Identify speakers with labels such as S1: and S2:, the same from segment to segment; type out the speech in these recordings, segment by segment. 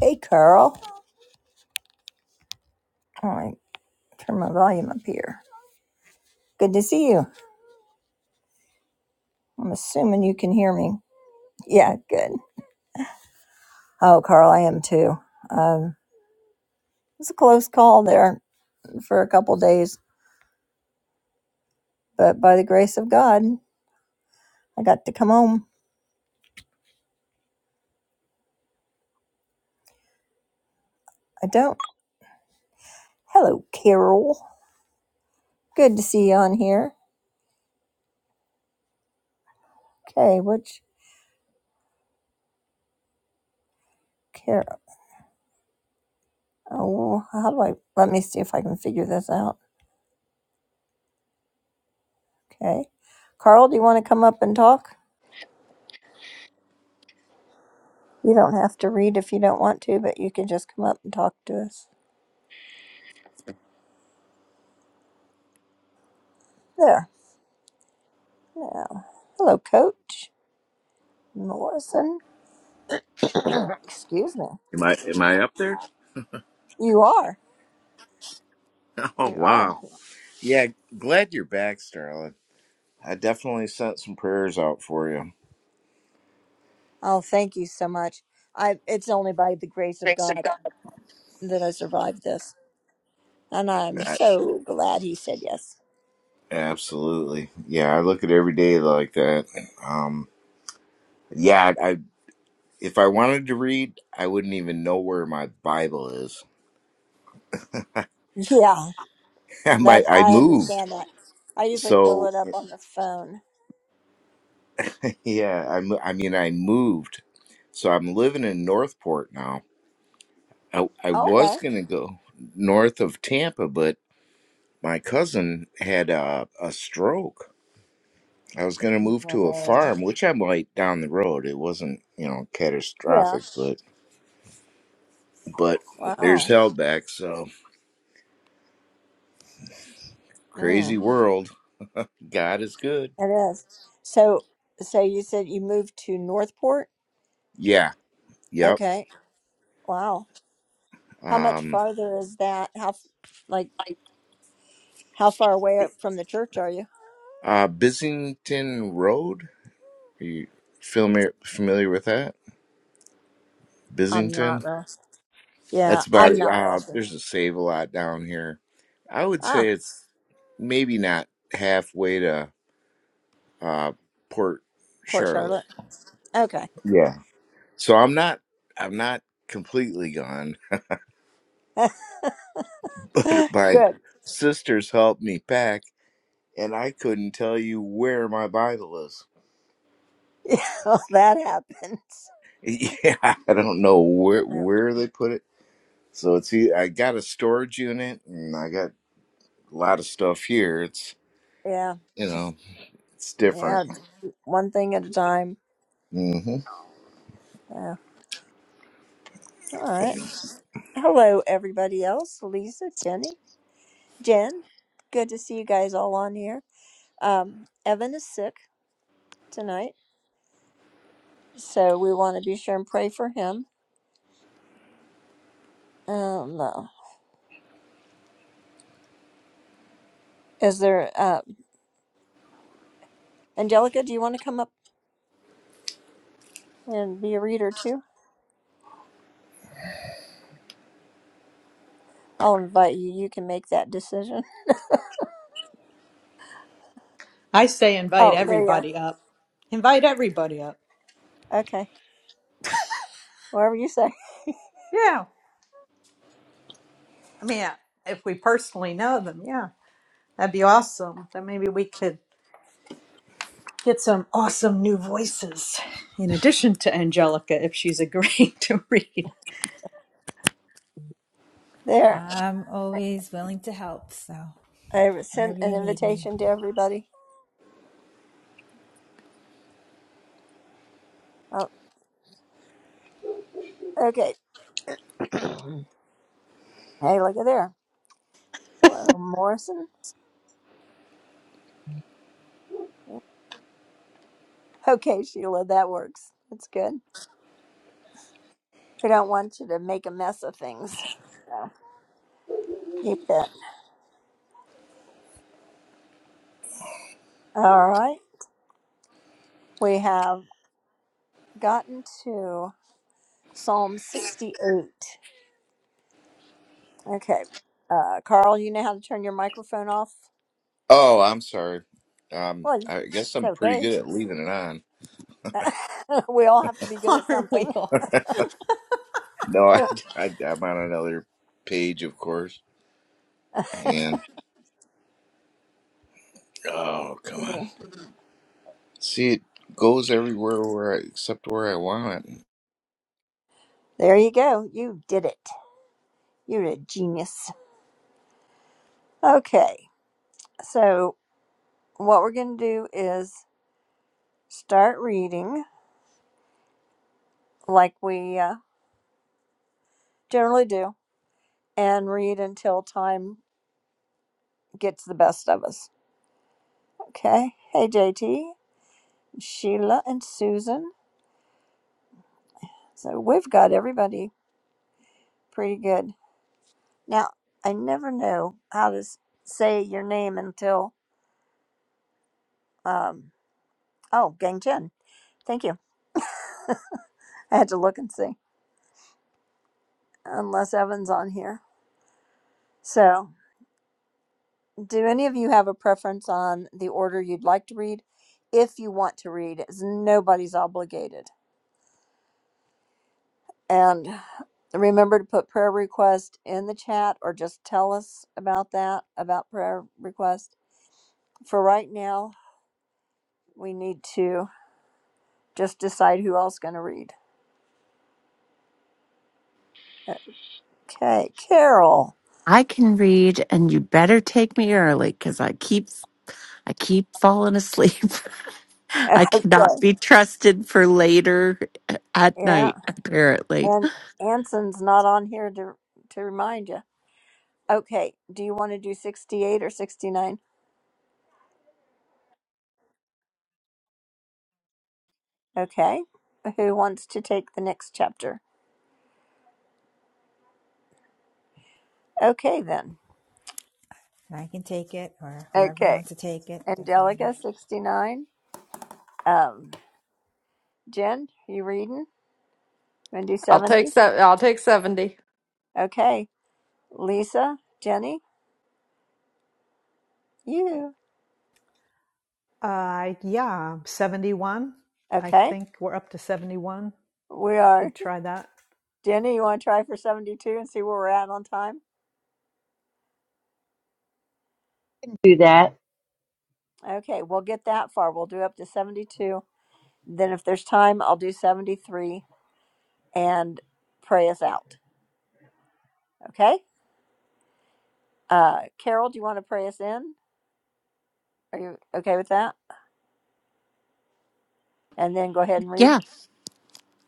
S1: Hey, Carl. All right, turn my volume up here. Good to see you. I'm assuming you can hear me. Yeah, good. Oh, Carl, I am too. Um, it was a close call there for a couple days, but by the grace of God, I got to come home. I don't. Hello, Carol. Good to see you on here. Okay, which Carol? Oh, how do I? Let me see if I can figure this out. Okay. Carl, do you want to come up and talk? You don't have to read if you don't want to, but you can just come up and talk to us. There. Now, hello, Coach Morrison. Excuse me.
S2: Am I am I up there?
S1: You are.
S2: Oh
S1: You are.
S2: wow. Yeah, glad you're back, Sterling. I definitely sent some prayers out for you.
S1: Oh, thank you so much. I. It's only by the grace of God that I survived this, and I'm
S2: A-
S1: so glad he said yes.
S2: Absolutely. Yeah, I look at every day like that. Um yeah, I if I wanted to read, I wouldn't even know where my Bible is.
S1: Yeah,
S2: I might
S1: that's.
S2: I
S1: I
S2: moved.
S1: understand that. I usually pull
S2: So
S1: it up on the phone.
S2: yeah, I mo- I mean I moved. So I'm living in Northport now. I I
S1: Okay.
S2: was going to go north of Tampa, but my cousin had a, a stroke I was gonna move to a
S1: No.
S2: farm, which I might down the road. It wasn't, you know,
S1: Yeah.
S2: catastrophic, but but there's
S1: Wow.
S2: held back. So
S1: Mm,
S2: crazy world. God is good.
S1: it is. So, so you said you moved to Northport?
S2: Yeah. Yep.
S1: Okay. Wow. How much
S2: Um.
S1: farther is that? How, f- like, how far away from the church are you?
S2: Uh. Bissington Road. Are you familiar familiar with that?
S1: I'm not
S2: Bissington.
S1: real. Yeah,
S2: That's about
S1: I'm
S2: it.
S1: not real
S2: Uh,
S1: sure.
S2: there's a save a lot down here. I would
S1: Ah,
S2: say it's maybe not halfway to uh Port
S1: Port Charlotte.
S2: Charlotte.
S1: Okay,
S2: Yeah. So I'm not I'm not completely gone, but my
S1: good.
S2: sisters helped me pack and I couldn't tell you where my Bible is.
S1: Yeah, well, that happens.
S2: Yeah, I don't know where
S1: Yeah,
S2: where they put it. So it's e- I got a storage unit and I got a lot of stuff here. It's
S1: yeah,
S2: you
S1: just
S2: know, it's different.
S1: yeah, d- one thing at a time.
S2: hmm
S1: Yeah. All right. Hello, everybody else. Lisa, Jenny, Jen. Good to see you guys all on here. Um, Evan is sick tonight, so we want to be sure and pray for him. Um, Is there, uh, Angelica, do you want to come up and be a reader too? I'll invite you. You can make that decision.
S3: I say invite
S1: Oh, there you are.
S3: everybody up. Invite everybody up.
S1: Okay. Whatever you say.
S3: Yeah. I mean, if we personally know them, yeah, that'd be awesome. Then maybe we could get some awesome new voices in addition to Angelica if she's agreeing to read.
S1: There.
S4: I'm always willing to help. So
S1: I sent
S4: wherever
S1: an
S4: you need me,
S1: invitation to everybody. Oh, okay. Hey, look at there. Hello, Morrison. Okay, Sheila, that works. That's good. We don't want you to make a mess of things. Keep that. All right. We have gotten to Psalm 68. Okay. Uh, Carl, you know how to turn your microphone off?
S2: Oh, I'm sorry. Um,
S1: Well,
S2: I guess
S1: it's
S2: I'm pretty
S1: okay.
S2: good at leaving it on.
S1: we all have to be good at
S3: Aren't
S1: something.
S3: we all?
S2: No, I, I I'm on another page, of course. And oh, come on. See, it goes everywhere where I, except where I want. it.
S1: there you go. You did it. You're a genius. Okay. So, what we're going to do is start reading like we uh, generally do and read until time gets the best of us. Okay. Hey, JT, Sheila, and Susan. So, we've got everybody pretty good. Now, I never know how to s- say your name until Um, oh, Gang Chen. Thank you. I had to look and see, unless Evan's on here. So, do any of you have a preference on the order you'd like to read? If you want to read, it's nobody's obligated. And remember to put prayer request in the chat or just tell us about that, about prayer request. For right now, we need to just decide who else going to read. Okay, Carol.
S5: I can read, and you better take me early because I keep I keep falling asleep. I cannot be trusted for later uh, at
S1: Yeah.
S5: night. Apparently,
S1: And Anson's not on here to to remind you. Okay, do you want to do 68 or 69? Okay. Who wants to take the next chapter? Okay then.
S4: I can take it, or whoever
S1: Okay.
S4: wants to take it, doesn't matter.
S1: Angelica 69. Um Jen, you reading? Going to do
S6: I'll take
S1: 70?
S6: se- I'll take 70.
S1: Okay. Lisa, Jenny, you.
S3: Uh, yeah, 71. I
S1: Okay.
S3: think we're up to 71.
S1: We
S3: I
S1: are
S3: could try that.
S1: Jenny, you want to try for 72 and see where we're at on time?
S7: do that.
S1: Okay, we'll get that far. We'll do up to 72. Then if there's time, I'll do 73 and pray us out. Okay? Uh, Carol, do you want to pray us in? Are you okay with that? And then go ahead and read.
S5: yeah,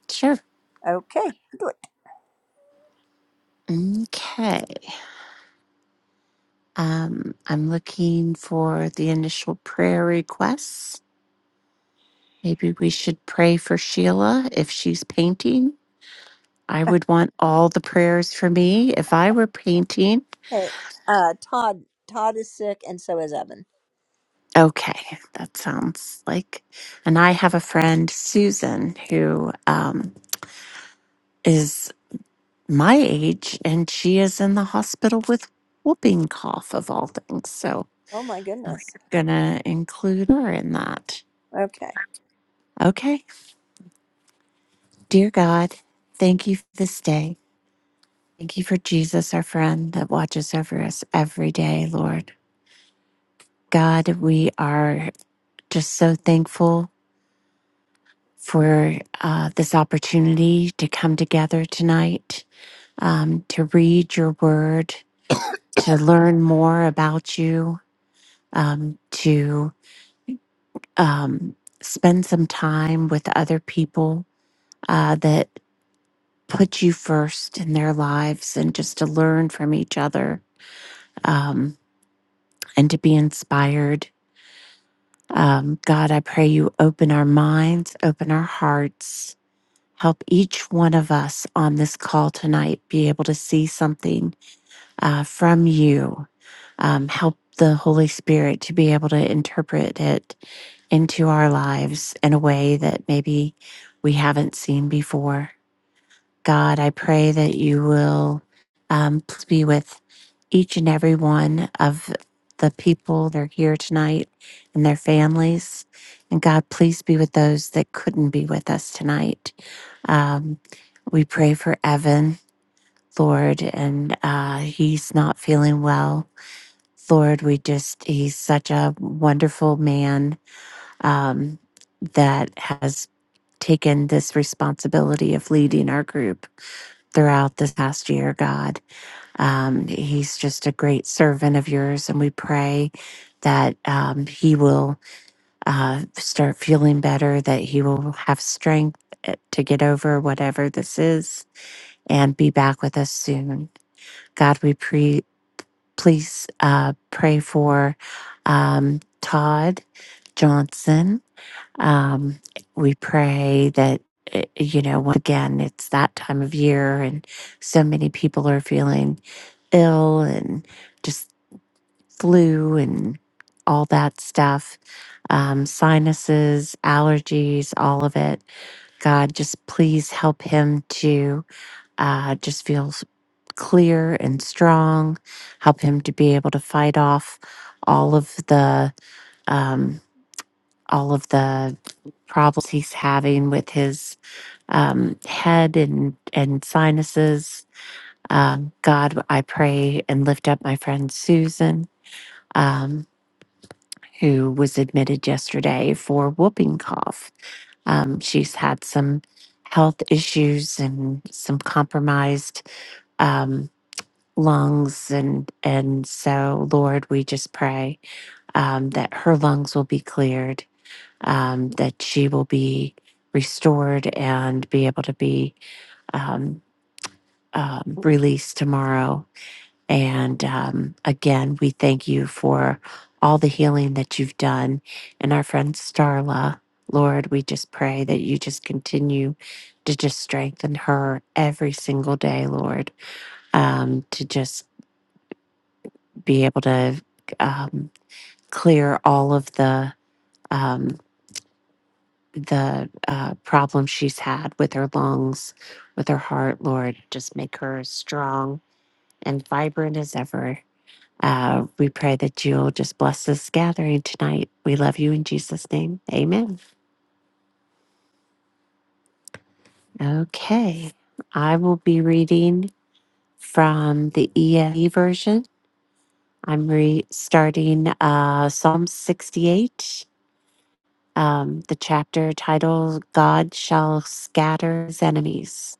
S5: sure.
S1: Okay, do it.
S5: Okay, um, I'm looking for the initial prayer requests. Maybe we should pray for Sheila if she's painting. I would want all the prayers for me if I were painting.
S1: Okay. Uh, Todd, Todd is sick, and so is Evan.
S5: Okay, that sounds like. And I have a friend, Susan, who um, is my age, and she is in the hospital with whooping cough of all things. So
S1: Oh my
S5: I'm
S1: goodness.
S5: gonna include her in that.
S1: Okay.
S5: Okay, dear God, thank you for this day. Thank you for Jesus, our friend that watches over us every day, Lord. God, we are just so thankful for uh, this opportunity to come together tonight um, to read your word, to learn more about you, um, to um, spend some time with other people uh, that put you first in their lives and just to learn from each other um, and to be inspired. Um, God, I pray you open our minds, open our hearts. Help each one of us on this call tonight be able to see something uh, from you. Um, help the Holy Spirit to be able to interpret it into our lives in a way that maybe we haven't seen before. God, I pray that you will um, please be with each and every one of the people that are here tonight and their families. And God, please be with those that couldn't be with us tonight. Um, we pray for Evan Lord, and uh, he's not feeling well. Lord, we just, he's such a wonderful man um, that has taken this responsibility of leading our group throughout this past year, God. Um, he's just a great servant of yours, and we pray that um, he will uh, start feeling better, that he will have strength uh, to get over whatever this is and be back with us soon. God, we pray. please uh, pray for um, Todd Johnson. Um, we pray that, uh, you know, once again, it's that time of year and so many people are feeling ill and just flu and all that stuff, um, sinuses, allergies, all of it. God, just please help him to uh, just feels clear and strong. Help him to be able to fight off all of the um, all of the problems he's having with his um, head and and sinuses. Um, God, I pray and lift up my friend Susan, um, who was admitted yesterday for whooping cough. Um, she's had some health issues and some compromised. Um, lungs and and so lord we just pray um, that her lungs will be cleared um, that she will be restored and be able to be um, um, released tomorrow and um, again we thank you for all the healing that you've done and our friend starla lord we just pray that you just continue to just strengthen her every single day lord um, to just be able to um, clear all of the um, the uh, problems she's had with her lungs, with her heart. Lord, just make her as strong and vibrant as ever. Uh, we pray that you'll just bless this gathering tonight. We love you in Jesus' name. Amen. Okay. I will be reading from the ESV version. I'm re- starting uh, Psalm 68 um, the chapter title God Shall Scatter His Enemies.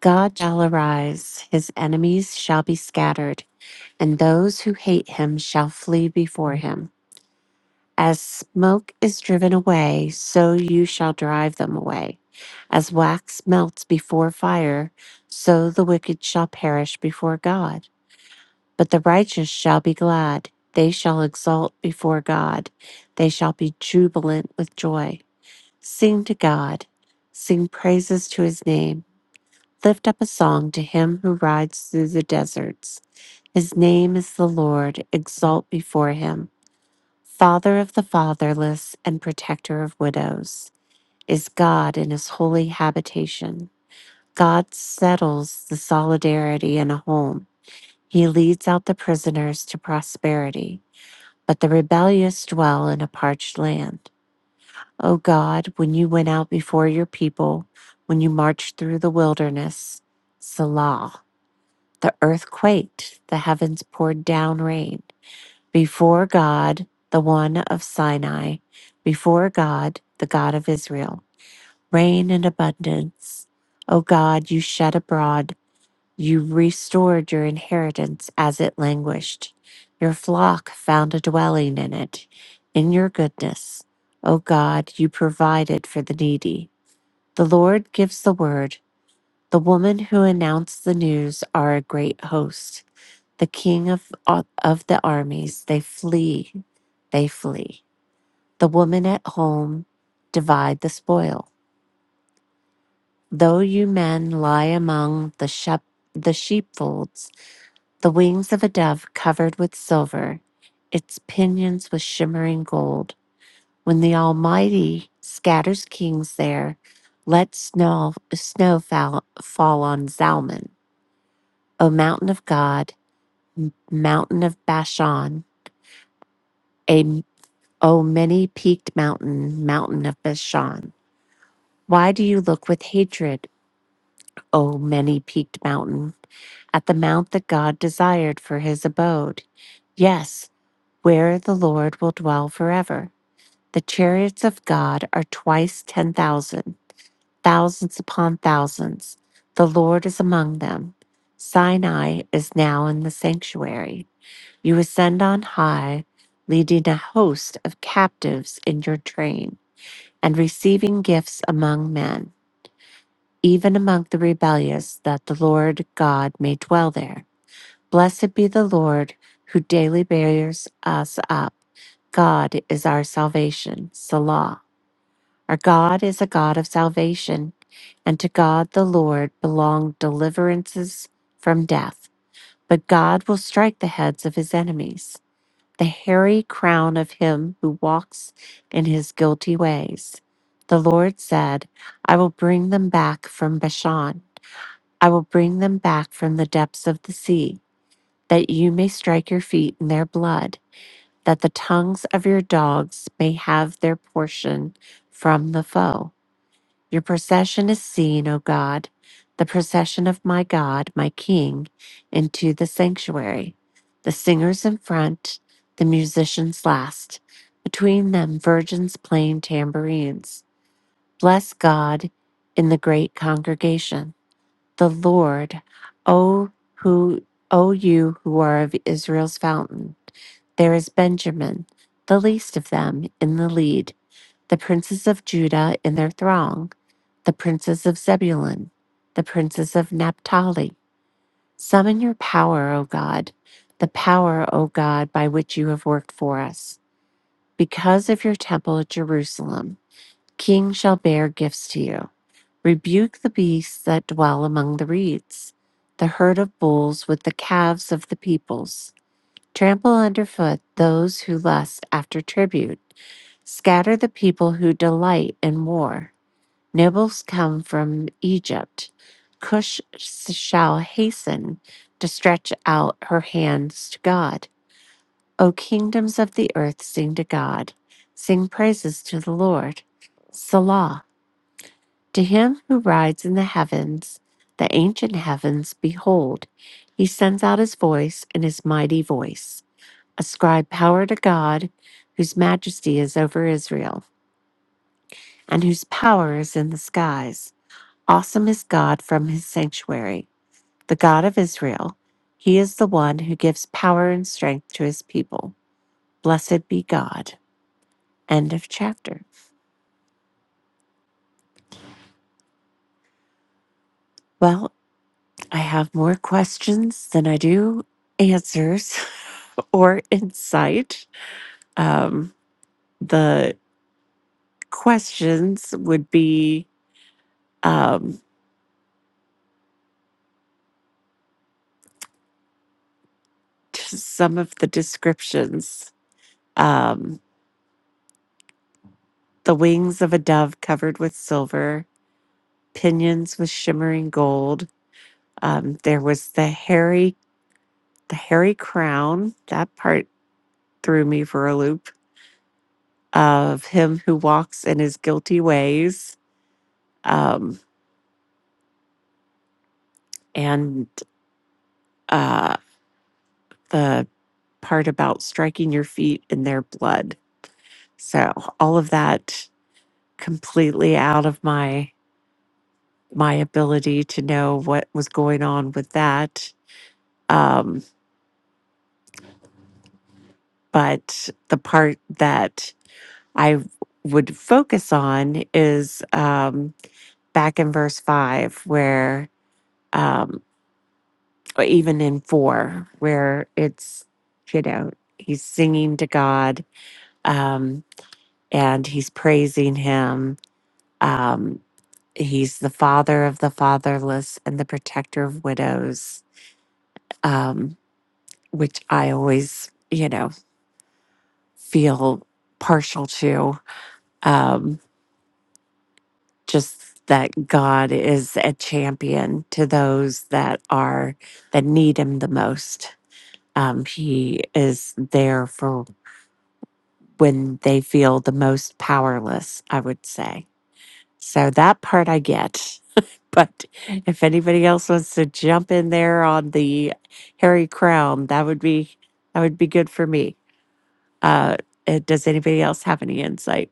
S5: God shall arise, his enemies shall be scattered, and those who hate him shall flee before him. As smoke is driven away, so you shall drive them away. As wax melts before fire, so the wicked shall perish before God. But the righteous shall be glad, they shall exult before God, they shall be jubilant with joy. Sing to God, sing praises to his name, lift up a song to him who rides through the deserts. His name is the Lord, exalt before him. Father of the fatherless and protector of widows is God in his holy habitation. God settles the solidarity in a home. He leads out the prisoners to prosperity, but the rebellious dwell in a parched land. O God, when you went out before your people, when you marched through the wilderness, Selah, the earth quaked, the heavens poured down rain. Before God, the one of Sinai, before God, the God of Israel, rain in abundance. O God, you shed abroad you restored your inheritance as it languished. Your flock found a dwelling in it. In your goodness, O God, you provided for the needy. The Lord gives the word. The women who announce the news are a great host. The king of, of the armies, they flee, they flee. The women at home divide the spoil. Though you men lie among the, shep, the sheepfolds, The wings of a dove covered with silver, its pinions with shimmering gold. When the Almighty scatters kings there, let snow, snow fall, fall on Zalman. O mountain of God, mountain of Bashan, a, O many peaked mountain, mountain of Bashan. Why do you look with hatred, O many peaked mountain, at the mount that God desired for his abode? Yes, where the Lord will dwell forever. The chariots of God are twice ten thousand, thousands upon thousands. The Lord is among them. Sinai is now in the sanctuary. You ascend on high, leading a host of captives in your train, and receiving gifts among men, even among the rebellious, that the Lord God may dwell there. Blessed be the Lord who daily bears us up. God is our salvation. Selah. Our God is a God of salvation, and to God the Lord belong deliverances from death. But God will strike the heads of his enemies, the hairy crown of him who walks in his guilty ways. The Lord said, I will bring them back from Bashan. I will bring them back from the depths of the sea, that you may strike your feet in their blood, that the tongues of your dogs may have their portion from the foe. Your procession is seen, O God, the procession of my God, my King, into the sanctuary. The singers in front, the musicians last. Between them, virgins playing tambourines. Bless God in the great congregation. The Lord, O who, O you who are of Israel's fountain. There is Benjamin, the least of them, in the lead, the princes of Judah in their throng the princes of Zebulun, the princes of Naphtali. Summon your power, O God, the power, O God, by which you have worked for us. Because of your temple at Jerusalem, kings shall bear gifts to you. Rebuke the beasts that dwell among the reeds, the herd of bulls with the calves of the peoples. Trample underfoot those who lust after tribute. Scatter the people who delight in war. Nobles come from Egypt. Cush shall hasten to stretch out her hands to God. O kingdoms of the earth, sing to God. Sing praises to the Lord. Selah. To him who rides in the heavens, the ancient heavens, behold, he sends out his voice and his mighty voice. Ascribe power to God, whose majesty is over Israel, and whose power is in the skies. Awesome is God from his sanctuary, the God of Israel. He is the one who gives power and strength to his people. Blessed be God. End of chapter. Well, I have more questions than I do answers or insight. Um, the questions would be um, just some of the descriptions um, the wings of a dove covered with silver, pinions with shimmering gold Um, there was the hairy, the hairy crown. That part threw me for a loop of him who walks in his guilty ways, um, and uh, the part about striking your feet in their blood. So all of that completely out of my my ability to know what was going on with that. Um, but the part that I would focus on is um, back in verse five, where, um, or even in four, where it's, you know, he's singing to God um, and he's praising him. Um, he's the father of the fatherless and the protector of widows, um, which I always, you know, feel partial to. Um, just that God is a champion to those that are that need him the most Um, he is there for when they feel the most powerless, I would say. So that part I get. But if anybody else wants to jump in there on the Harry Crown, that would be that would be good for me. Uh, uh, does anybody else have any insight?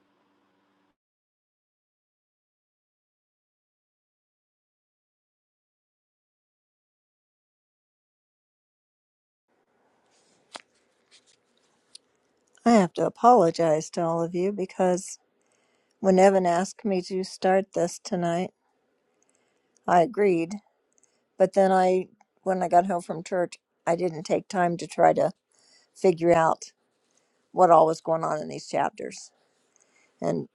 S1: I have to apologize to all of you because when Evan asked me to start this tonight, I agreed. But then I, when I got home from church, I didn't take time to try to figure out what all was going on in these chapters. and.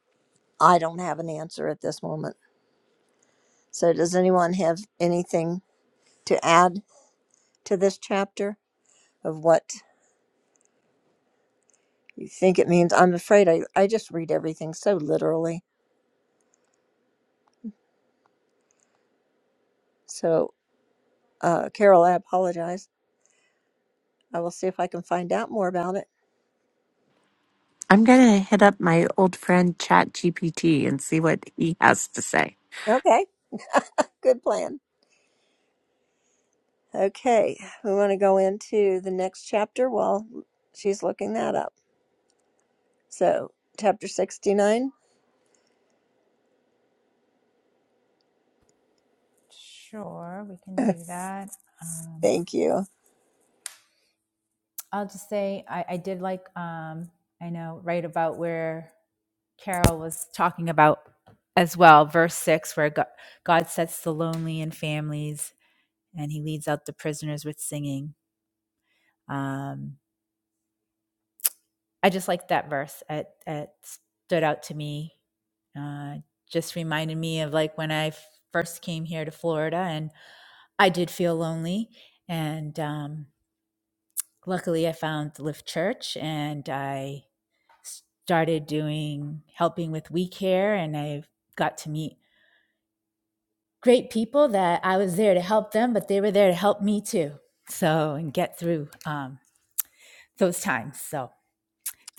S1: I don't have an answer at this moment. So, does anyone have anything to add to this chapter of what you think it means? I'm afraid I, I just read everything so literally. So, uh, Carol, I apologize. I will see if I can find out more about it.
S5: I'm gonna hit up my old friend ChatGPT and see what he has to say.
S1: Okay, good plan. Okay, we want to go into the next chapter while she's looking that up. So, chapter 69.
S4: Sure, we can do that. Um,
S1: Thank you.
S4: I'll just say I, I did like um, I know right about where Carol was talking about as well, verse six, where God, God sets the lonely in families, and He leads out the prisoners with singing. Um, I just like that verse. It, it stood out to me. Uh, just reminded me of like when I first came here to Florida and I did feel lonely. And um, luckily, I found Lift Church and I started doing helping with We Care. And I got to meet great people that I was there to help them, but they were there to help me too. So, and get through um, those times. So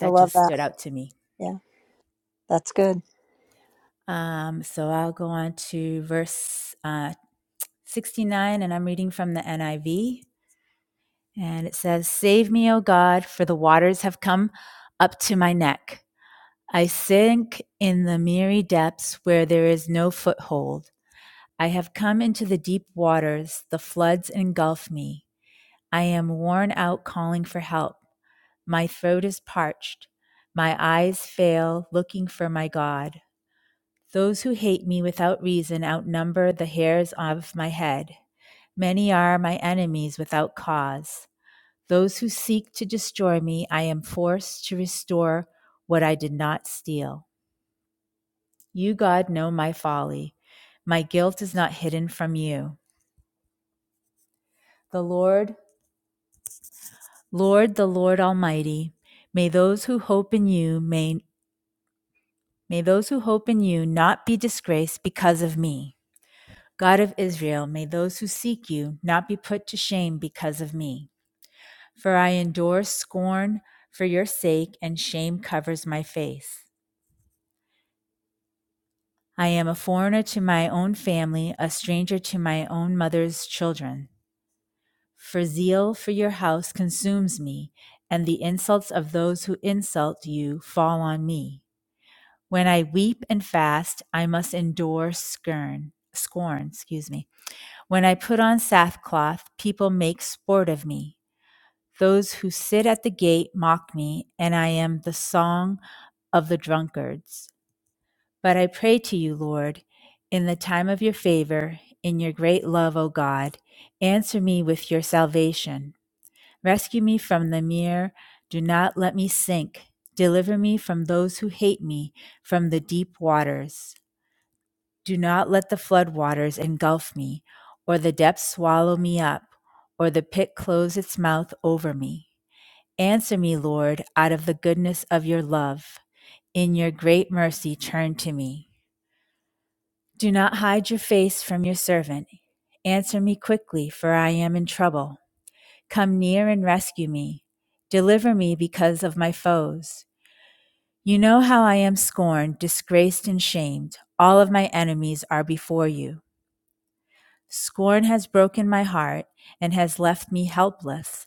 S1: I love
S4: just
S1: that.
S4: stood out to me.
S1: Yeah, that's good.
S4: Um, so I'll go on to verse uh, 69, and I'm reading from the NIV. And it says, Save me, O God, for the waters have come up to my neck. I sink in the miry depths where there is no foothold. I have come into the deep waters, the floods engulf me. I am worn out calling for help. My throat is parched. My eyes fail looking for my God. Those who hate me without reason outnumber the hairs of my head. Many are my enemies without cause. Those who seek to destroy me, I am forced to restore what I did not steal. You, God, know my folly. My guilt is not hidden from you. The Lord, Lord, the Lord Almighty, may those who hope in you, may, may those who hope in you not be disgraced because of me. God of Israel, may those who seek you not be put to shame because of me. For I endure scorn for your sake, and shame covers my face. I am a foreigner to my own family, a stranger to my own mother's children. For zeal for your house consumes me, and the insults of those who insult you fall on me. When I weep and fast, I must endure scorn. Scorn, excuse me. When I put on sackcloth, people make sport of me. Those who sit at the gate mock me, and I am the song of the drunkards. But I pray to you, Lord, in the time of your favor, in your great love, O God, answer me with your salvation. Rescue me from the mere, do not let me sink. Deliver me from those who hate me, from the deep waters. Do not let the flood waters engulf me, or the depths swallow me up, or the pit close its mouth over me. Answer me, Lord, out of the goodness of your love. In your great mercy, turn to me. Do not hide your face from your servant. Answer me quickly, for I am in trouble. Come near and rescue me. Deliver me because of my foes. You know how I am scorned, disgraced, and shamed. All of my enemies are before you. Scorn has broken my heart and has left me helpless.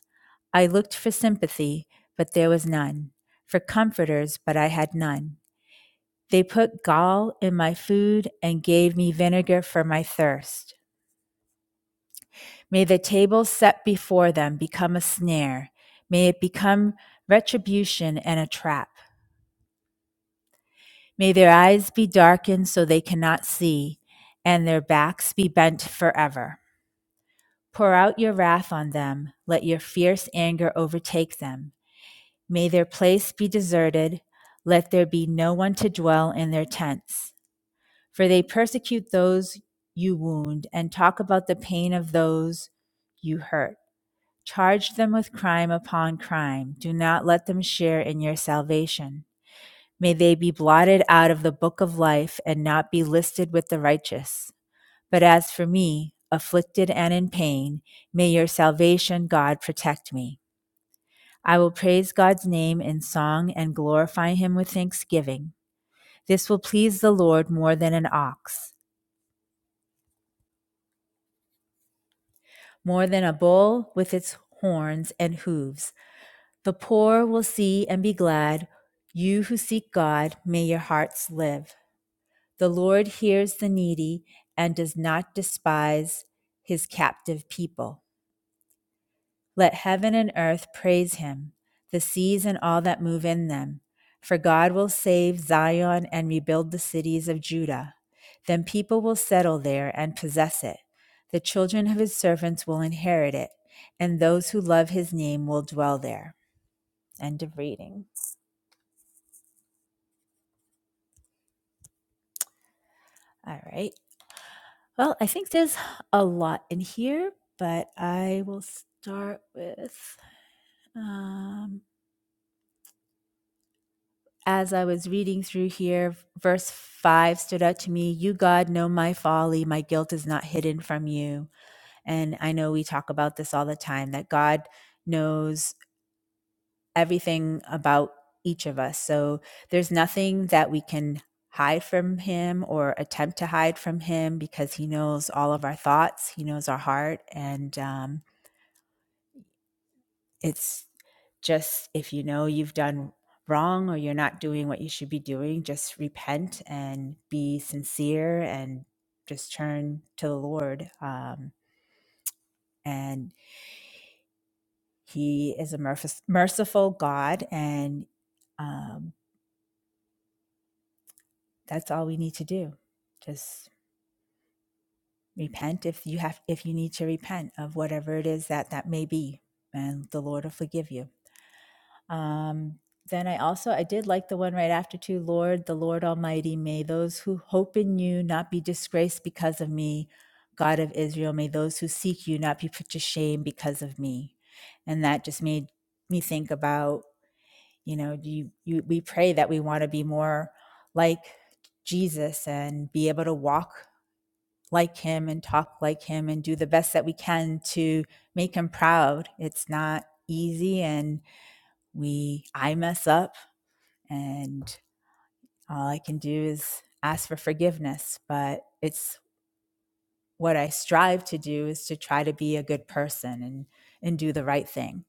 S4: I looked for sympathy, but there was none, for comforters, but I had none. They put gall in my food and gave me vinegar for my thirst. May the table set before them become a snare. May it become retribution and a trap. May their eyes be darkened so they cannot see, and their backs be bent forever. Pour out your wrath on them. Let your fierce anger overtake them. May their place be deserted. Let there be no one to dwell in their tents. For they persecute those you wound and talk about the pain of those you hurt. Charge them with crime upon crime. Do not let them share in your salvation. May they be blotted out of the book of life and not be listed with the righteous. But as for me, afflicted and in pain, may your salvation, God, protect me. I will praise God's name in song and glorify him with thanksgiving. This will please the Lord more than an ox. more than a bull with its horns and hooves. The poor will see and be glad. You who seek God, may your hearts live. The Lord hears the needy and does not despise his captive people. Let heaven and earth praise him, the seas and all that move in them. For God will save Zion and rebuild the cities of Judah. Then people will settle there and possess it. The children of his servants will inherit it, and those who love his name will dwell there. End of reading. All right. Well, I think there's a lot in here, but I will start with. Um, as I was reading through here, verse 5 stood out to me You, God, know my folly. My guilt is not hidden from you. And I know we talk about this all the time that God knows everything about each of us. So there's nothing that we can hide from Him or attempt to hide from Him because He knows all of our thoughts, He knows our heart. And, um, It's just if you know you've done wrong or you're not doing what you should be doing, just repent and be sincere and just turn to the Lord. Um, and He is a merc- merciful God, and um, that's all we need to do. Just repent if you have if you need to repent of whatever it is that that may be, and the Lord will forgive you. Um, then I also I did like the one right after too. Lord, the Lord Almighty, may those who hope in you not be disgraced because of me. God of Israel, may those who seek you not be put to shame because of me. And that just made me think about you know you, you we pray that we want to be more like Jesus and be able to walk like him and talk like him and do the best that we can to make him proud. It's not easy and we I mess up and all I can do is ask for forgiveness. But it's what I strive to do is to try to be a good person and and do the right thing.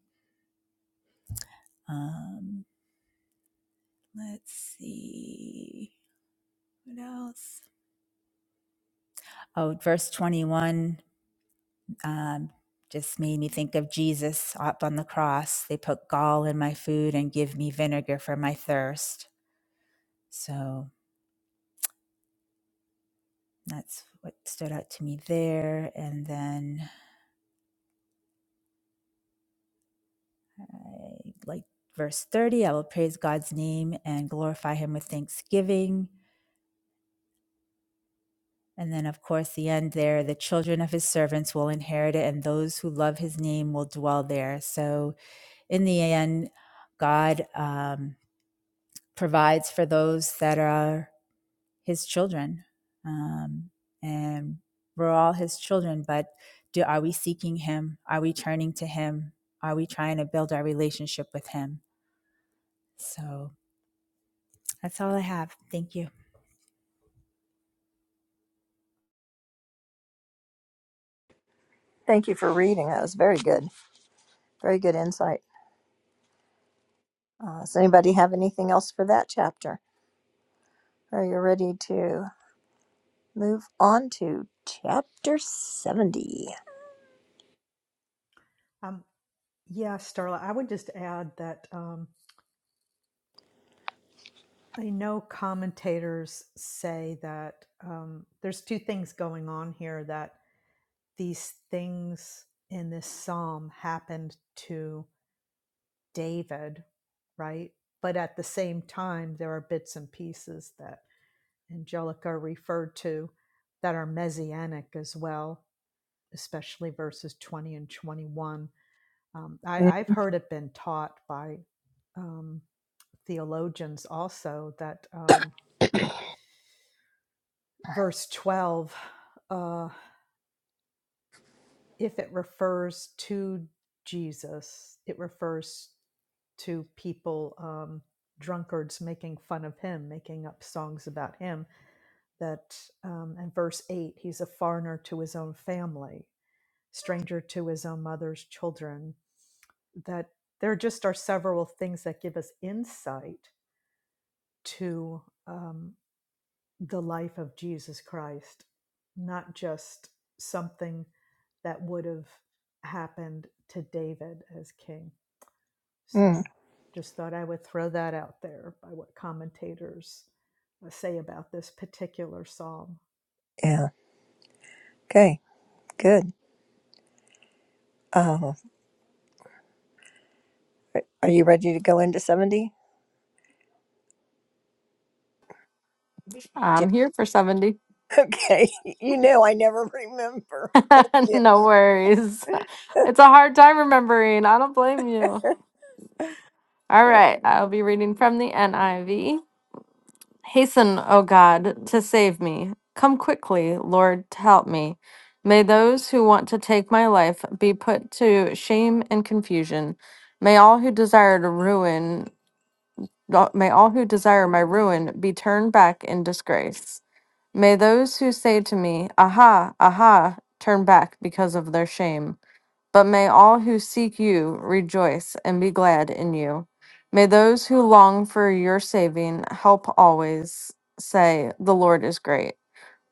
S4: Um, let's see what else. Oh, verse twenty one um, just made me think of Jesus up on the cross. They put gall in my food and give me vinegar for my thirst. So that's what stood out to me there. And then like verse 30 i will praise god's name and glorify him with thanksgiving and then of course the end there the children of his servants will inherit it and those who love his name will dwell there so in the end god um, provides for those that are his children um, and we're all his children but do are we seeking him are we turning to him are we trying to build our relationship with him so that's all i have thank you
S1: Thank you for reading. That was very good. Very good insight. Uh, does anybody have anything else for that chapter? Are you ready to move on to chapter 70?
S3: Um, yeah, Starla, I would just add that. Um, I know commentators say that um, there's two things going on here that these things in this psalm happened to David, right? But at the same time, there are bits and pieces that Angelica referred to that are messianic as well, especially verses 20 and 21. Um, I, I've heard it been taught by um, theologians also that. Um, verse 12 uh if it refers to jesus it refers to people um drunkards making fun of him making up songs about him that um and verse 8 he's a foreigner to his own family stranger to his own mother's children that there just are several things that give us insight to um, the life of Jesus Christ, not just something that would have happened to David as king.
S1: hmm
S3: So just thought I would throw that out there by what commentators uh, say about this particular psalm.
S1: Yeah. Okay. Good. Uh, are you ready to go into 70? Jan-
S6: I'm here for 70.
S1: Okay. You know, I never remember. Thank you.
S6: no worries. It's a hard time remembering. I don't blame you. All
S1: Yeah.
S6: right, I'll be reading from the NIV. Hasten, O God, to save me. Come quickly, Lord, to help me. May those who want to take my life be put to shame and confusion. May all who desire to ruin Th- May all who desire my ruin be turned back in disgrace. May those who say to me, Aha, aha, turn back because of their shame. But may all who seek you rejoice and be glad in you. May those who long for your saving help always say, The Lord is great.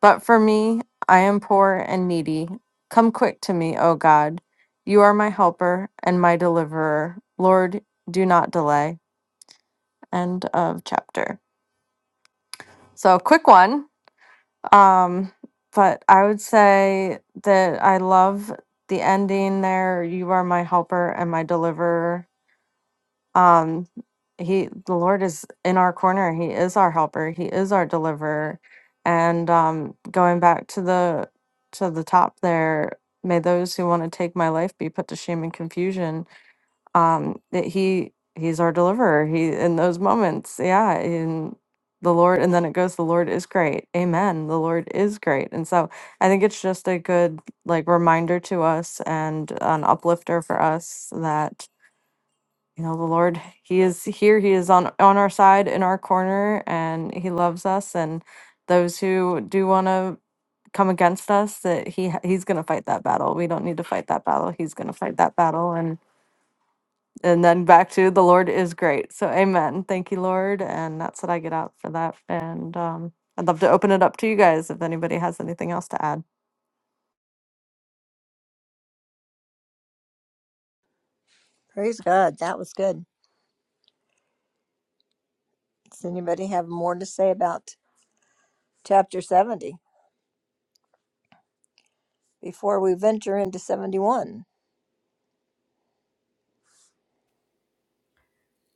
S6: But for me, I am poor and needy. Come quick to me, O God. You are my helper and my deliverer. Lord, do not delay. End of chapter. So, quick one. Um, but I would say that I love the ending there. You are my helper and my deliverer. Um, he, the Lord is in our corner. He is our helper. He is our deliverer. And um, going back to the to the top there, may those who want to take my life be put to shame and confusion um that he he's our deliverer he in those moments yeah in the lord and then it goes the lord is great amen the lord is great and so i think it's just a good like reminder to us and an uplifter for us that you know the lord he is here he is on on our side in our corner and he loves us and those who do want to come against us that he ha- he's going to fight that battle we don't need to fight that battle he's going to fight that battle and then back to the Lord is great. So amen. Thank you, Lord. And that's what I get out for that. And um, I'd love to open it up to you guys if anybody has anything else to add.
S1: Praise God. That was good. Does anybody have more to say about chapter 70 before we venture into 71?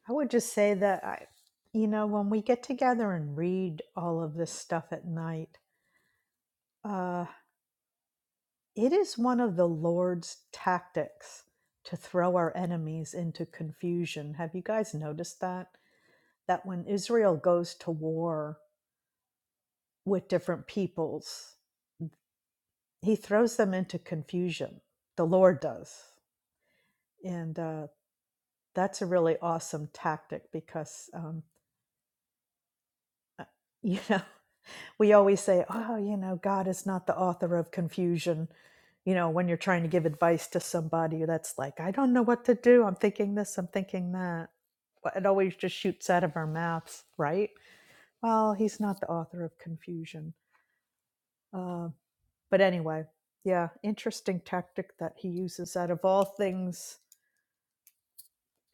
S3: I would just say that I you know when we get together and read all of this stuff at night, uh it is one of the Lord's tactics to throw our enemies into confusion. Have you guys noticed that? that when Israel goes to war with different peoples, he throws them into confusion. The Lord does. And uh, that's a really awesome tactic because, um, uh, you know, we always say, oh, you know, God is not the author of confusion. You know, when you're trying to give advice to somebody that's like, I don't know what to do. I'm thinking this, I'm thinking that. Well, It always just shoots out of our mouths, right? Well, he's not the author of confusion Uh, but anyway, yeah, interesting tactic that he uses. Out of all things,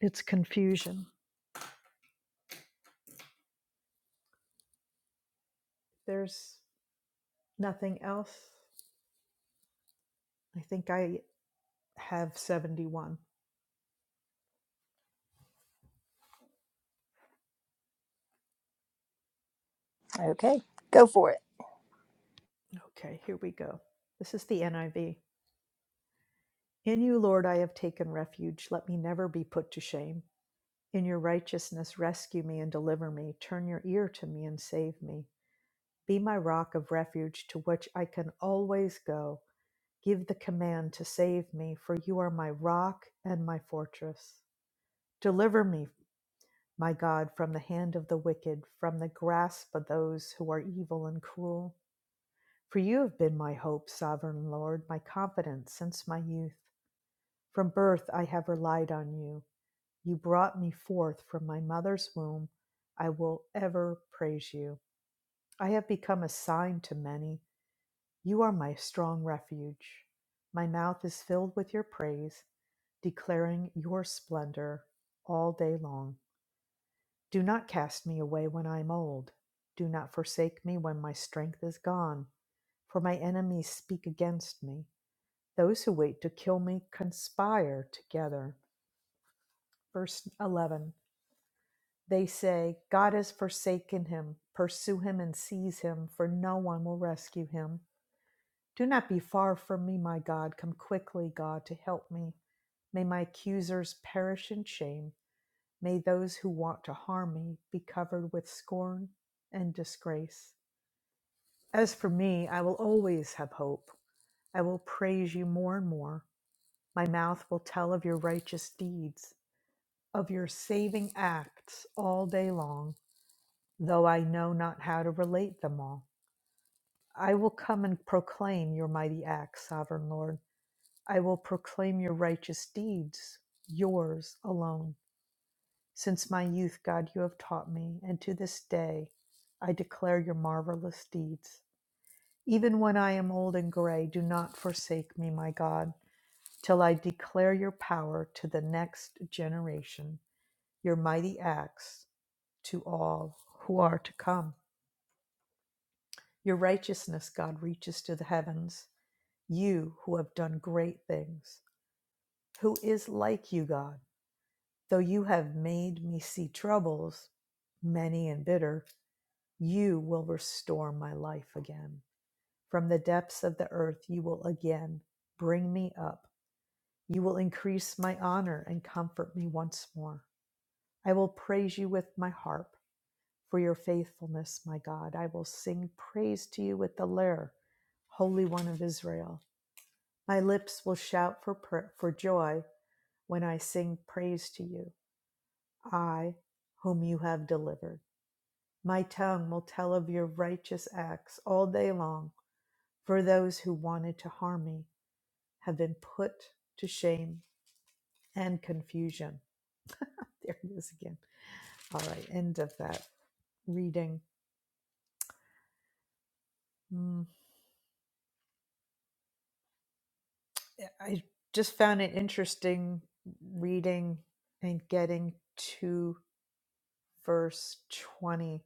S3: it's confusion. There's nothing else. I think I have 71.
S1: Okay, go for it.
S3: Okay, here we go. This is the NIV. In you, Lord, I have taken refuge. Let me never be put to shame. In your righteousness, rescue me and deliver me. Turn your ear to me and save me. Be my rock of refuge to which I can always go. Give the command to save me, for you are my rock and my fortress. Deliver me, my God, from the hand of the wicked, from the grasp of those who are evil and cruel. For you have been my hope, sovereign Lord, my confidence since my youth. From birth I have relied on you. You brought me forth from my mother's womb. I will ever praise you. I have become a sign to many. You are my strong refuge. My mouth is filled with your praise, declaring your splendor all day long. Do not cast me away when I am old. Do not forsake me when my strength is gone, for my enemies speak against me. Those who wait to kill me conspire together. Verse 11 They say, God has forsaken him. Pursue him and seize him, for no one will rescue him. Do not be far from me, my God. Come quickly, God, to help me. May my accusers perish in shame. May those who want to harm me be covered with scorn and disgrace. As for me, I will always have hope. I will praise you more and more. My mouth will tell of your righteous deeds, of your saving acts all day long, though I know not how to relate them all. I will come and proclaim your mighty acts, Sovereign Lord. I will proclaim your righteous deeds, yours alone. Since my youth, God, you have taught me, and to this day I declare your marvelous deeds. Even when I am old and gray, do not forsake me, my God, till I declare your power to the next generation, your mighty acts to all who are to come. Your righteousness, God, reaches to the heavens, you who have done great things. Who is like you, God? Though you have made me see troubles, many and bitter, you will restore my life again. From the depths of the earth, you will again bring me up. You will increase my honor and comfort me once more. I will praise you with my harp for your faithfulness, my God. I will sing praise to you with the lyre, Holy One of Israel. My lips will shout for, pra- for joy when I sing praise to you, I, whom you have delivered. My tongue will tell of your righteous acts all day long, for those who wanted to harm me have been put to shame and confusion. There it is again. All right, end of that reading. Mm, I just found it interesting reading and getting to verse 20.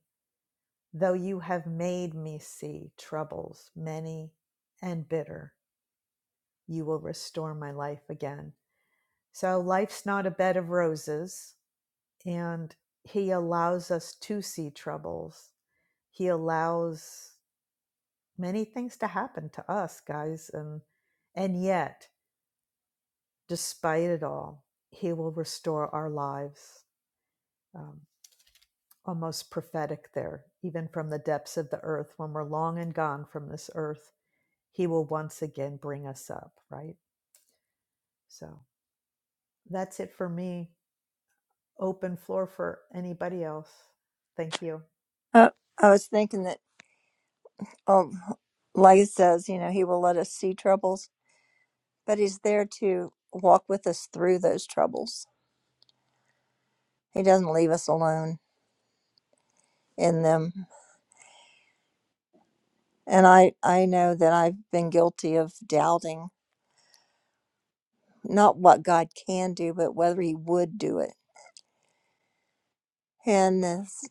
S3: Though you have made me see troubles, many and bitter, you will restore my life again. So life's not a bed of roses, and He allows us to see troubles. He allows many things to happen to us, guys, and and yet, despite it all, He will restore our lives. Um, almost prophetic there, even from the depths of the earth, when we're long and gone from this earth, He will once again bring us up. Right. So that's it for me. Open floor for anybody else. Thank you.
S1: Uh, I was thinking that, um, like it says, you know, he will let us see troubles, but he's there to walk with us through those troubles. He doesn't leave us alone in them. And I, I know that I've been guilty of doubting not what God can do, but whether he would do it. And this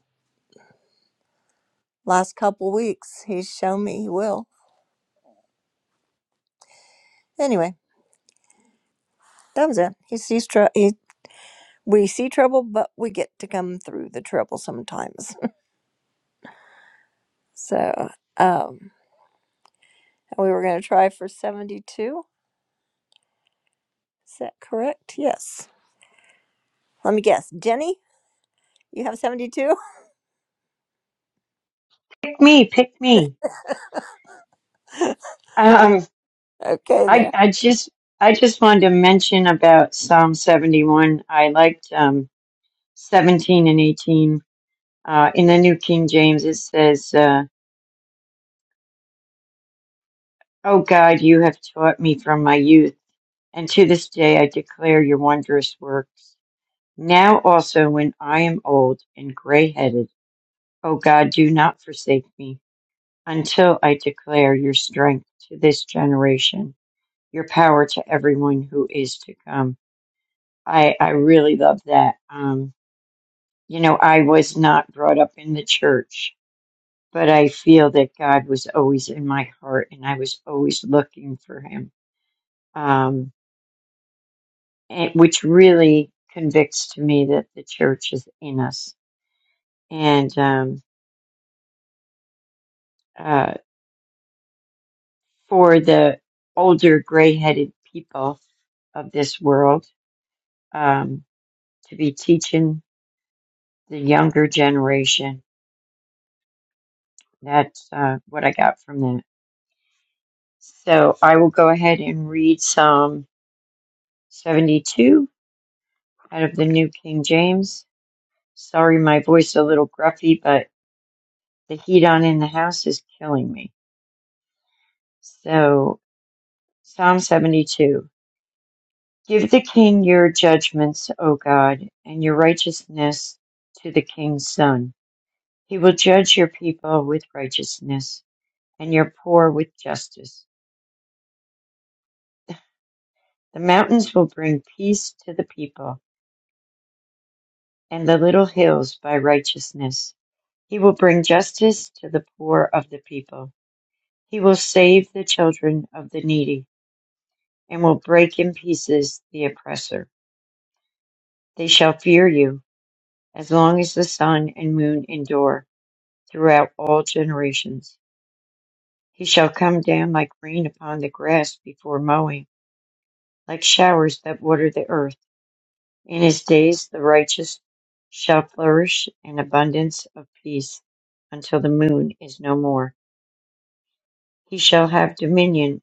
S1: last couple weeks, he's shown me he will. Anyway, doesn't. He sees trouble. We see trouble, but we get to come through the trouble sometimes. so, um, we were going to try for 72. Is that correct? Yes. Let me guess. Jenny, you have 72?
S7: Pick me, pick me. Um,
S1: okay,
S7: I
S1: there.
S7: I just I just wanted to mention about Psalm seventy one. I liked um seventeen and eighteen. Uh, in the New King James, it says, uh, "Oh God, you have taught me from my youth, and to this day I declare your wondrous works." Now also, when I am old and gray headed, O God, do not forsake me until I declare your strength to this generation your power to everyone who is to come. I, I really love that. Um, you know, I was not brought up in the church, but I feel that God was always in my heart and I was always looking for him, um, and, which really convicts to me that the church is in us. And um, uh, for the older gray headed people of this world um, to be teaching the younger generation That's uh, what I got from that. So I will go ahead and read Psalm 72 out of the New King James. Sorry, my voice a little gruffy, but the heat on in the house is killing me. So Psalm 72. Give the king your judgments, O God, and your righteousness to the king's son. He will judge your people with righteousness and your poor with justice. The mountains will bring peace to the people and the little hills by righteousness. He will bring justice to the poor of the people. He will save the children of the needy, and will break in pieces the oppressor. They shall fear you as long as the sun and moon endure throughout all generations. He shall come down like rain upon the grass before mowing, like showers that water the earth. In his days the righteous shall flourish in abundance of peace until the moon is no more He shall have dominion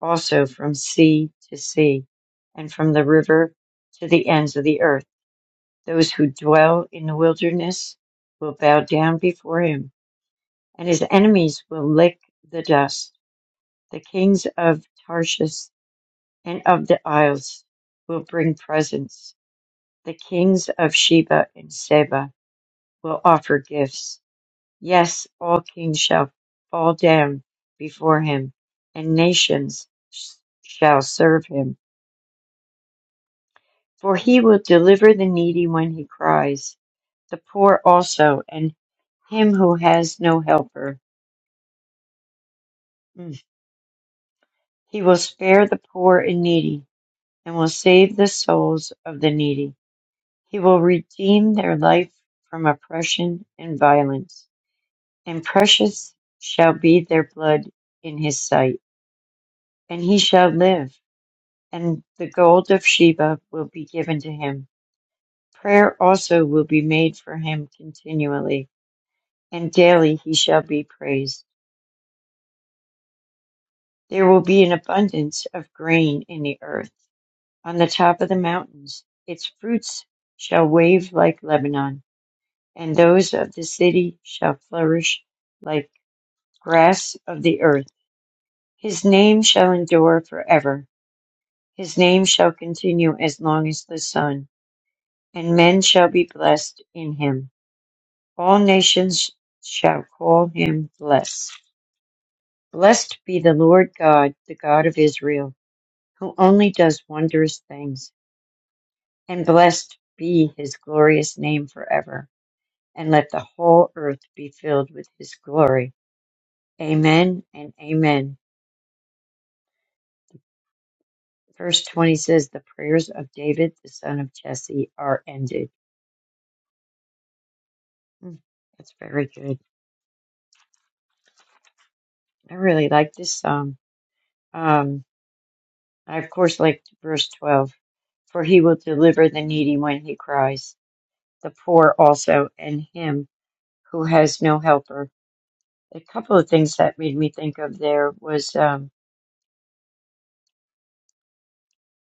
S7: also from sea to sea, and from the river to the ends of the earth. Those who dwell in the wilderness will bow down before him, and his enemies will lick the dust. The kings of Tarshish and of the isles will bring presents. The kings of Sheba and Seba will offer gifts Yes, all kings shall fall down before him, and nations sh- shall serve him. For he will deliver the needy when he cries, the poor also, and him who has no helper. Mm. He will spare the poor and needy, and will save the souls of the needy. He will redeem their life from oppression and violence, and precious shall be their blood in his sight, and he shall live and the gold of Sheba will be given to him. Prayer also will be made for him continually, and daily he shall be praised. There will be an abundance of grain in the earth, on the top of the mountains. Its fruits shall wave like Lebanon, and those of the city shall flourish like grass of the earth. His name shall endure forever. His name shall continue as long as the sun, and men shall be blessed in him. All nations shall call him blessed. Blessed be the Lord God, the God of Israel, who only does wondrous things. And blessed be his glorious name forever. And let the whole earth be filled with his glory. Amen and amen. Verse 20 says, The prayers of David, the son of Jesse, are ended. Mm, That's very good. I really like this psalm. Um, I, of course, like verse 12. For he will deliver the needy when he cries, the poor also, and him who has no helper. A couple of things that made me think of there was, um,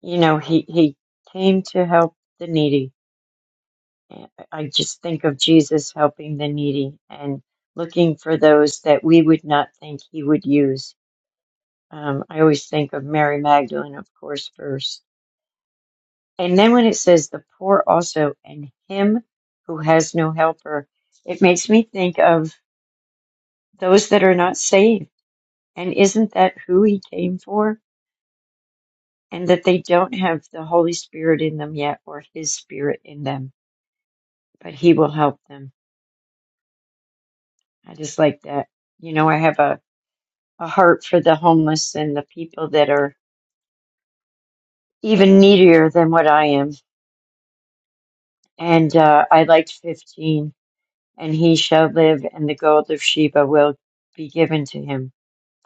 S7: you know, he, he came to help the needy. I just think of Jesus helping the needy and looking for those that we would not think he would use. Um, I always think of Mary Magdalene, of course, first And then when it says the poor also and him who has no helper, it makes me think of those that are not saved. And isn't that who he came for? And that they don't have the Holy Spirit in them yet or his spirit in them, but he will help them. I just like that. You know, I have a, a heart for the homeless and the people that are even needier than what I am. And uh, I liked 15 and he shall live, and the gold of Sheba will be given to him.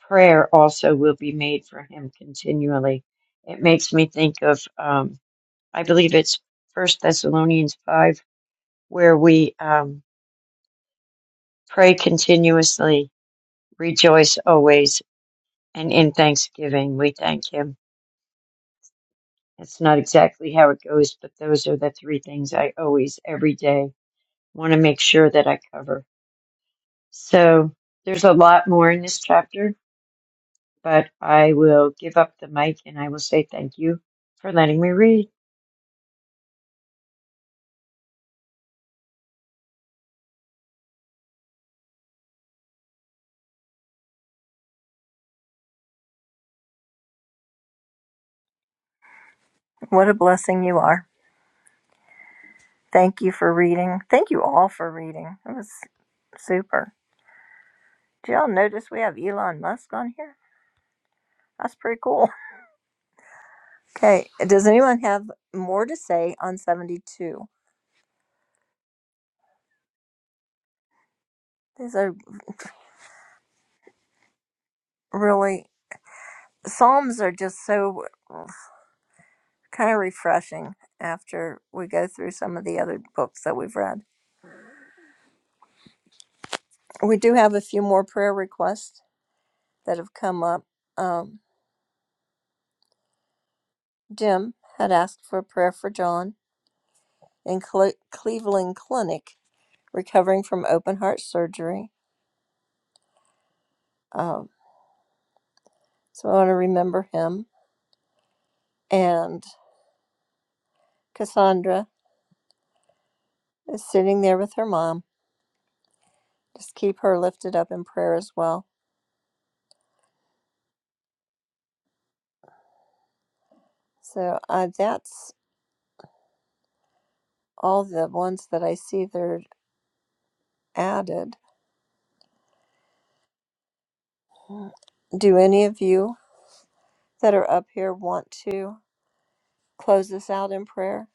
S7: Prayer also will be made for him continually. It makes me think of, um, I believe it's First Thessalonians five, where we um, pray continuously, rejoice always, and in thanksgiving we thank him. It's not exactly how it goes, but those are the three things I always, every day, want to make sure that I cover. So there's a lot more in this chapter but I will give up the mic and I will say thank you for letting me read.
S1: What a blessing you are. Thank you for reading. Thank you all for reading. It was super. Did y'all notice we have Elon Musk on here? That's pretty cool. Okay, does anyone have more to say on 72? These are really Psalms are just so kind of refreshing after we go through some of the other books that we've read. We do have a few more prayer requests that have come up. Um, Jim had asked for a prayer for John in Cle- Cleveland Clinic, recovering from open heart surgery. Um, so I want to remember him. And Cassandra is sitting there with her mom. Just keep her lifted up in prayer as well. So uh, that's all the ones that I see there added. Do any of you that are up here want to close this out in prayer?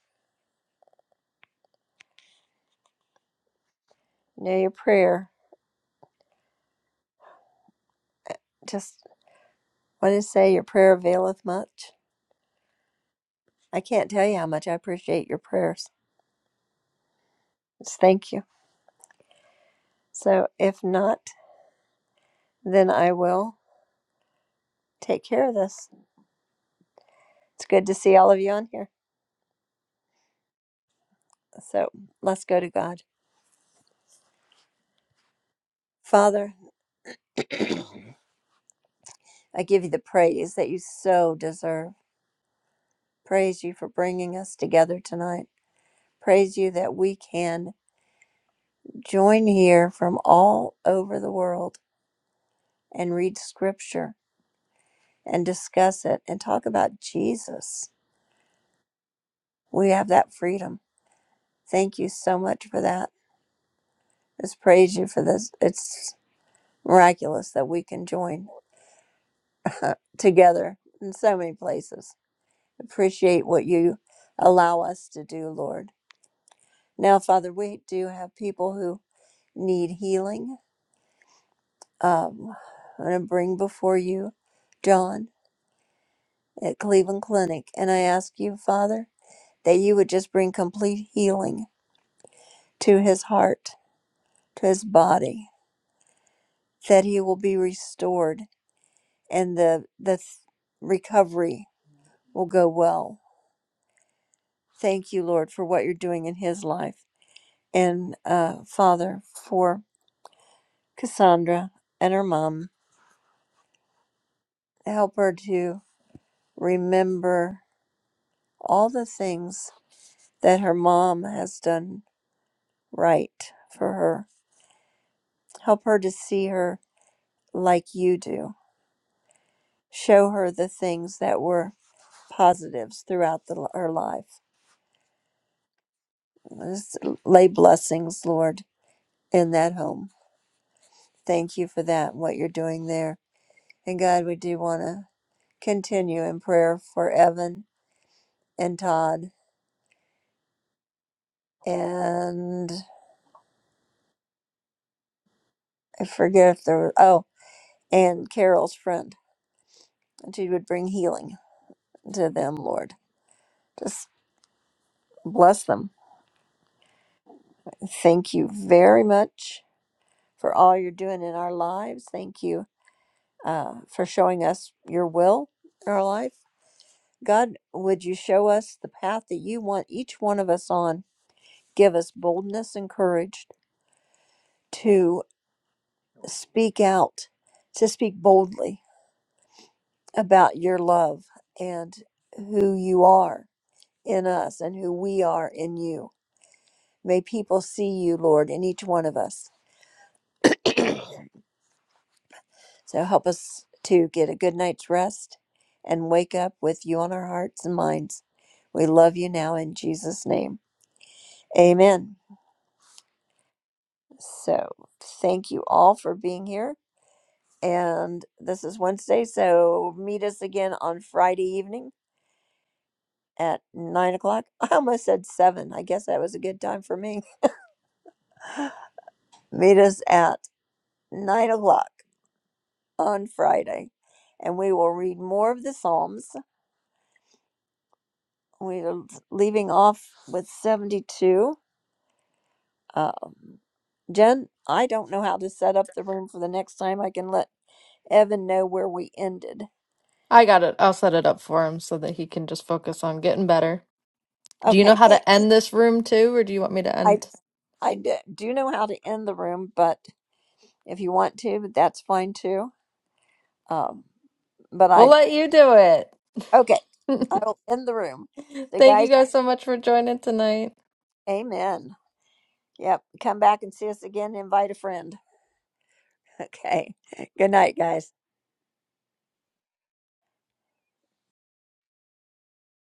S1: Know your prayer. Just what did it say? Your prayer availeth much. I can't tell you how much I appreciate your prayers. Just thank you. So if not, then I will take care of this. It's good to see all of you on here. So let's go to God. Father, I give you the praise that you so deserve. Praise you for bringing us together tonight. Praise you that we can join here from all over the world and read scripture and discuss it and talk about Jesus. We have that freedom. Thank you so much for that. Let's praise you for this. It's miraculous that we can join together in so many places. Appreciate what you allow us to do, Lord. Now, Father, we do have people who need healing. Um, I'm going to bring before you John. at Cleveland Clinic, and I ask you, Father, that you would just bring complete healing to his heart, to his body, that he will be restored and the the th- recovery will go well. Thank you, Lord, for what you're doing in his life, and uh, Father, for Cassandra and her mom. Help her to remember all the things that her mom has done right for her. Help her to see her like you do. Show her the things that were positives throughout the, her life. Just lay blessings, Lord, in that home. Thank you for that, what you're doing there. And God, we do want to continue in prayer for Evan and Todd and I forget if there were, oh, and Carol's friend. That you would bring healing to them, Lord. Just bless them. Thank you very much for all you're doing in our lives. Thank you uh, for showing us your will in our life. God, would you show us the path that you want each one of us on? Give us boldness and courage to speak out, to speak boldly about your love and who you are in us and who we are in you. May people see you, Lord, in each one of us. So help us to get a good night's rest and wake up with you on our hearts and minds. We love you now in Jesus' name. Amen. So thank you all for being here. And this is Wednesday, so meet us again on Friday evening at nine o'clock. I almost said seven. I guess that was a good time for me. Meet us at nine o'clock on Friday, and we will read more of the Psalms. We are leaving off with 72. Um, Jen, I don't know how to set up the room for the next time. I can let Evan know where we ended.
S6: I got it. I'll set it up for him so that he can just focus on getting better. Do you know
S1: Okay,
S6: how
S1: so
S6: to end this room too, or do you want me to
S1: I
S6: end?
S1: I d- do know how to end the room, but if you want to, that's fine too. Um, but
S6: We'll
S1: I,
S6: let you do it.
S1: okay, I will end the room. So,
S6: Thank you
S1: guys,
S6: guys so much for joining tonight.
S1: amen. Yep. Come back and see us again. Invite a friend. Okay. Good night, guys.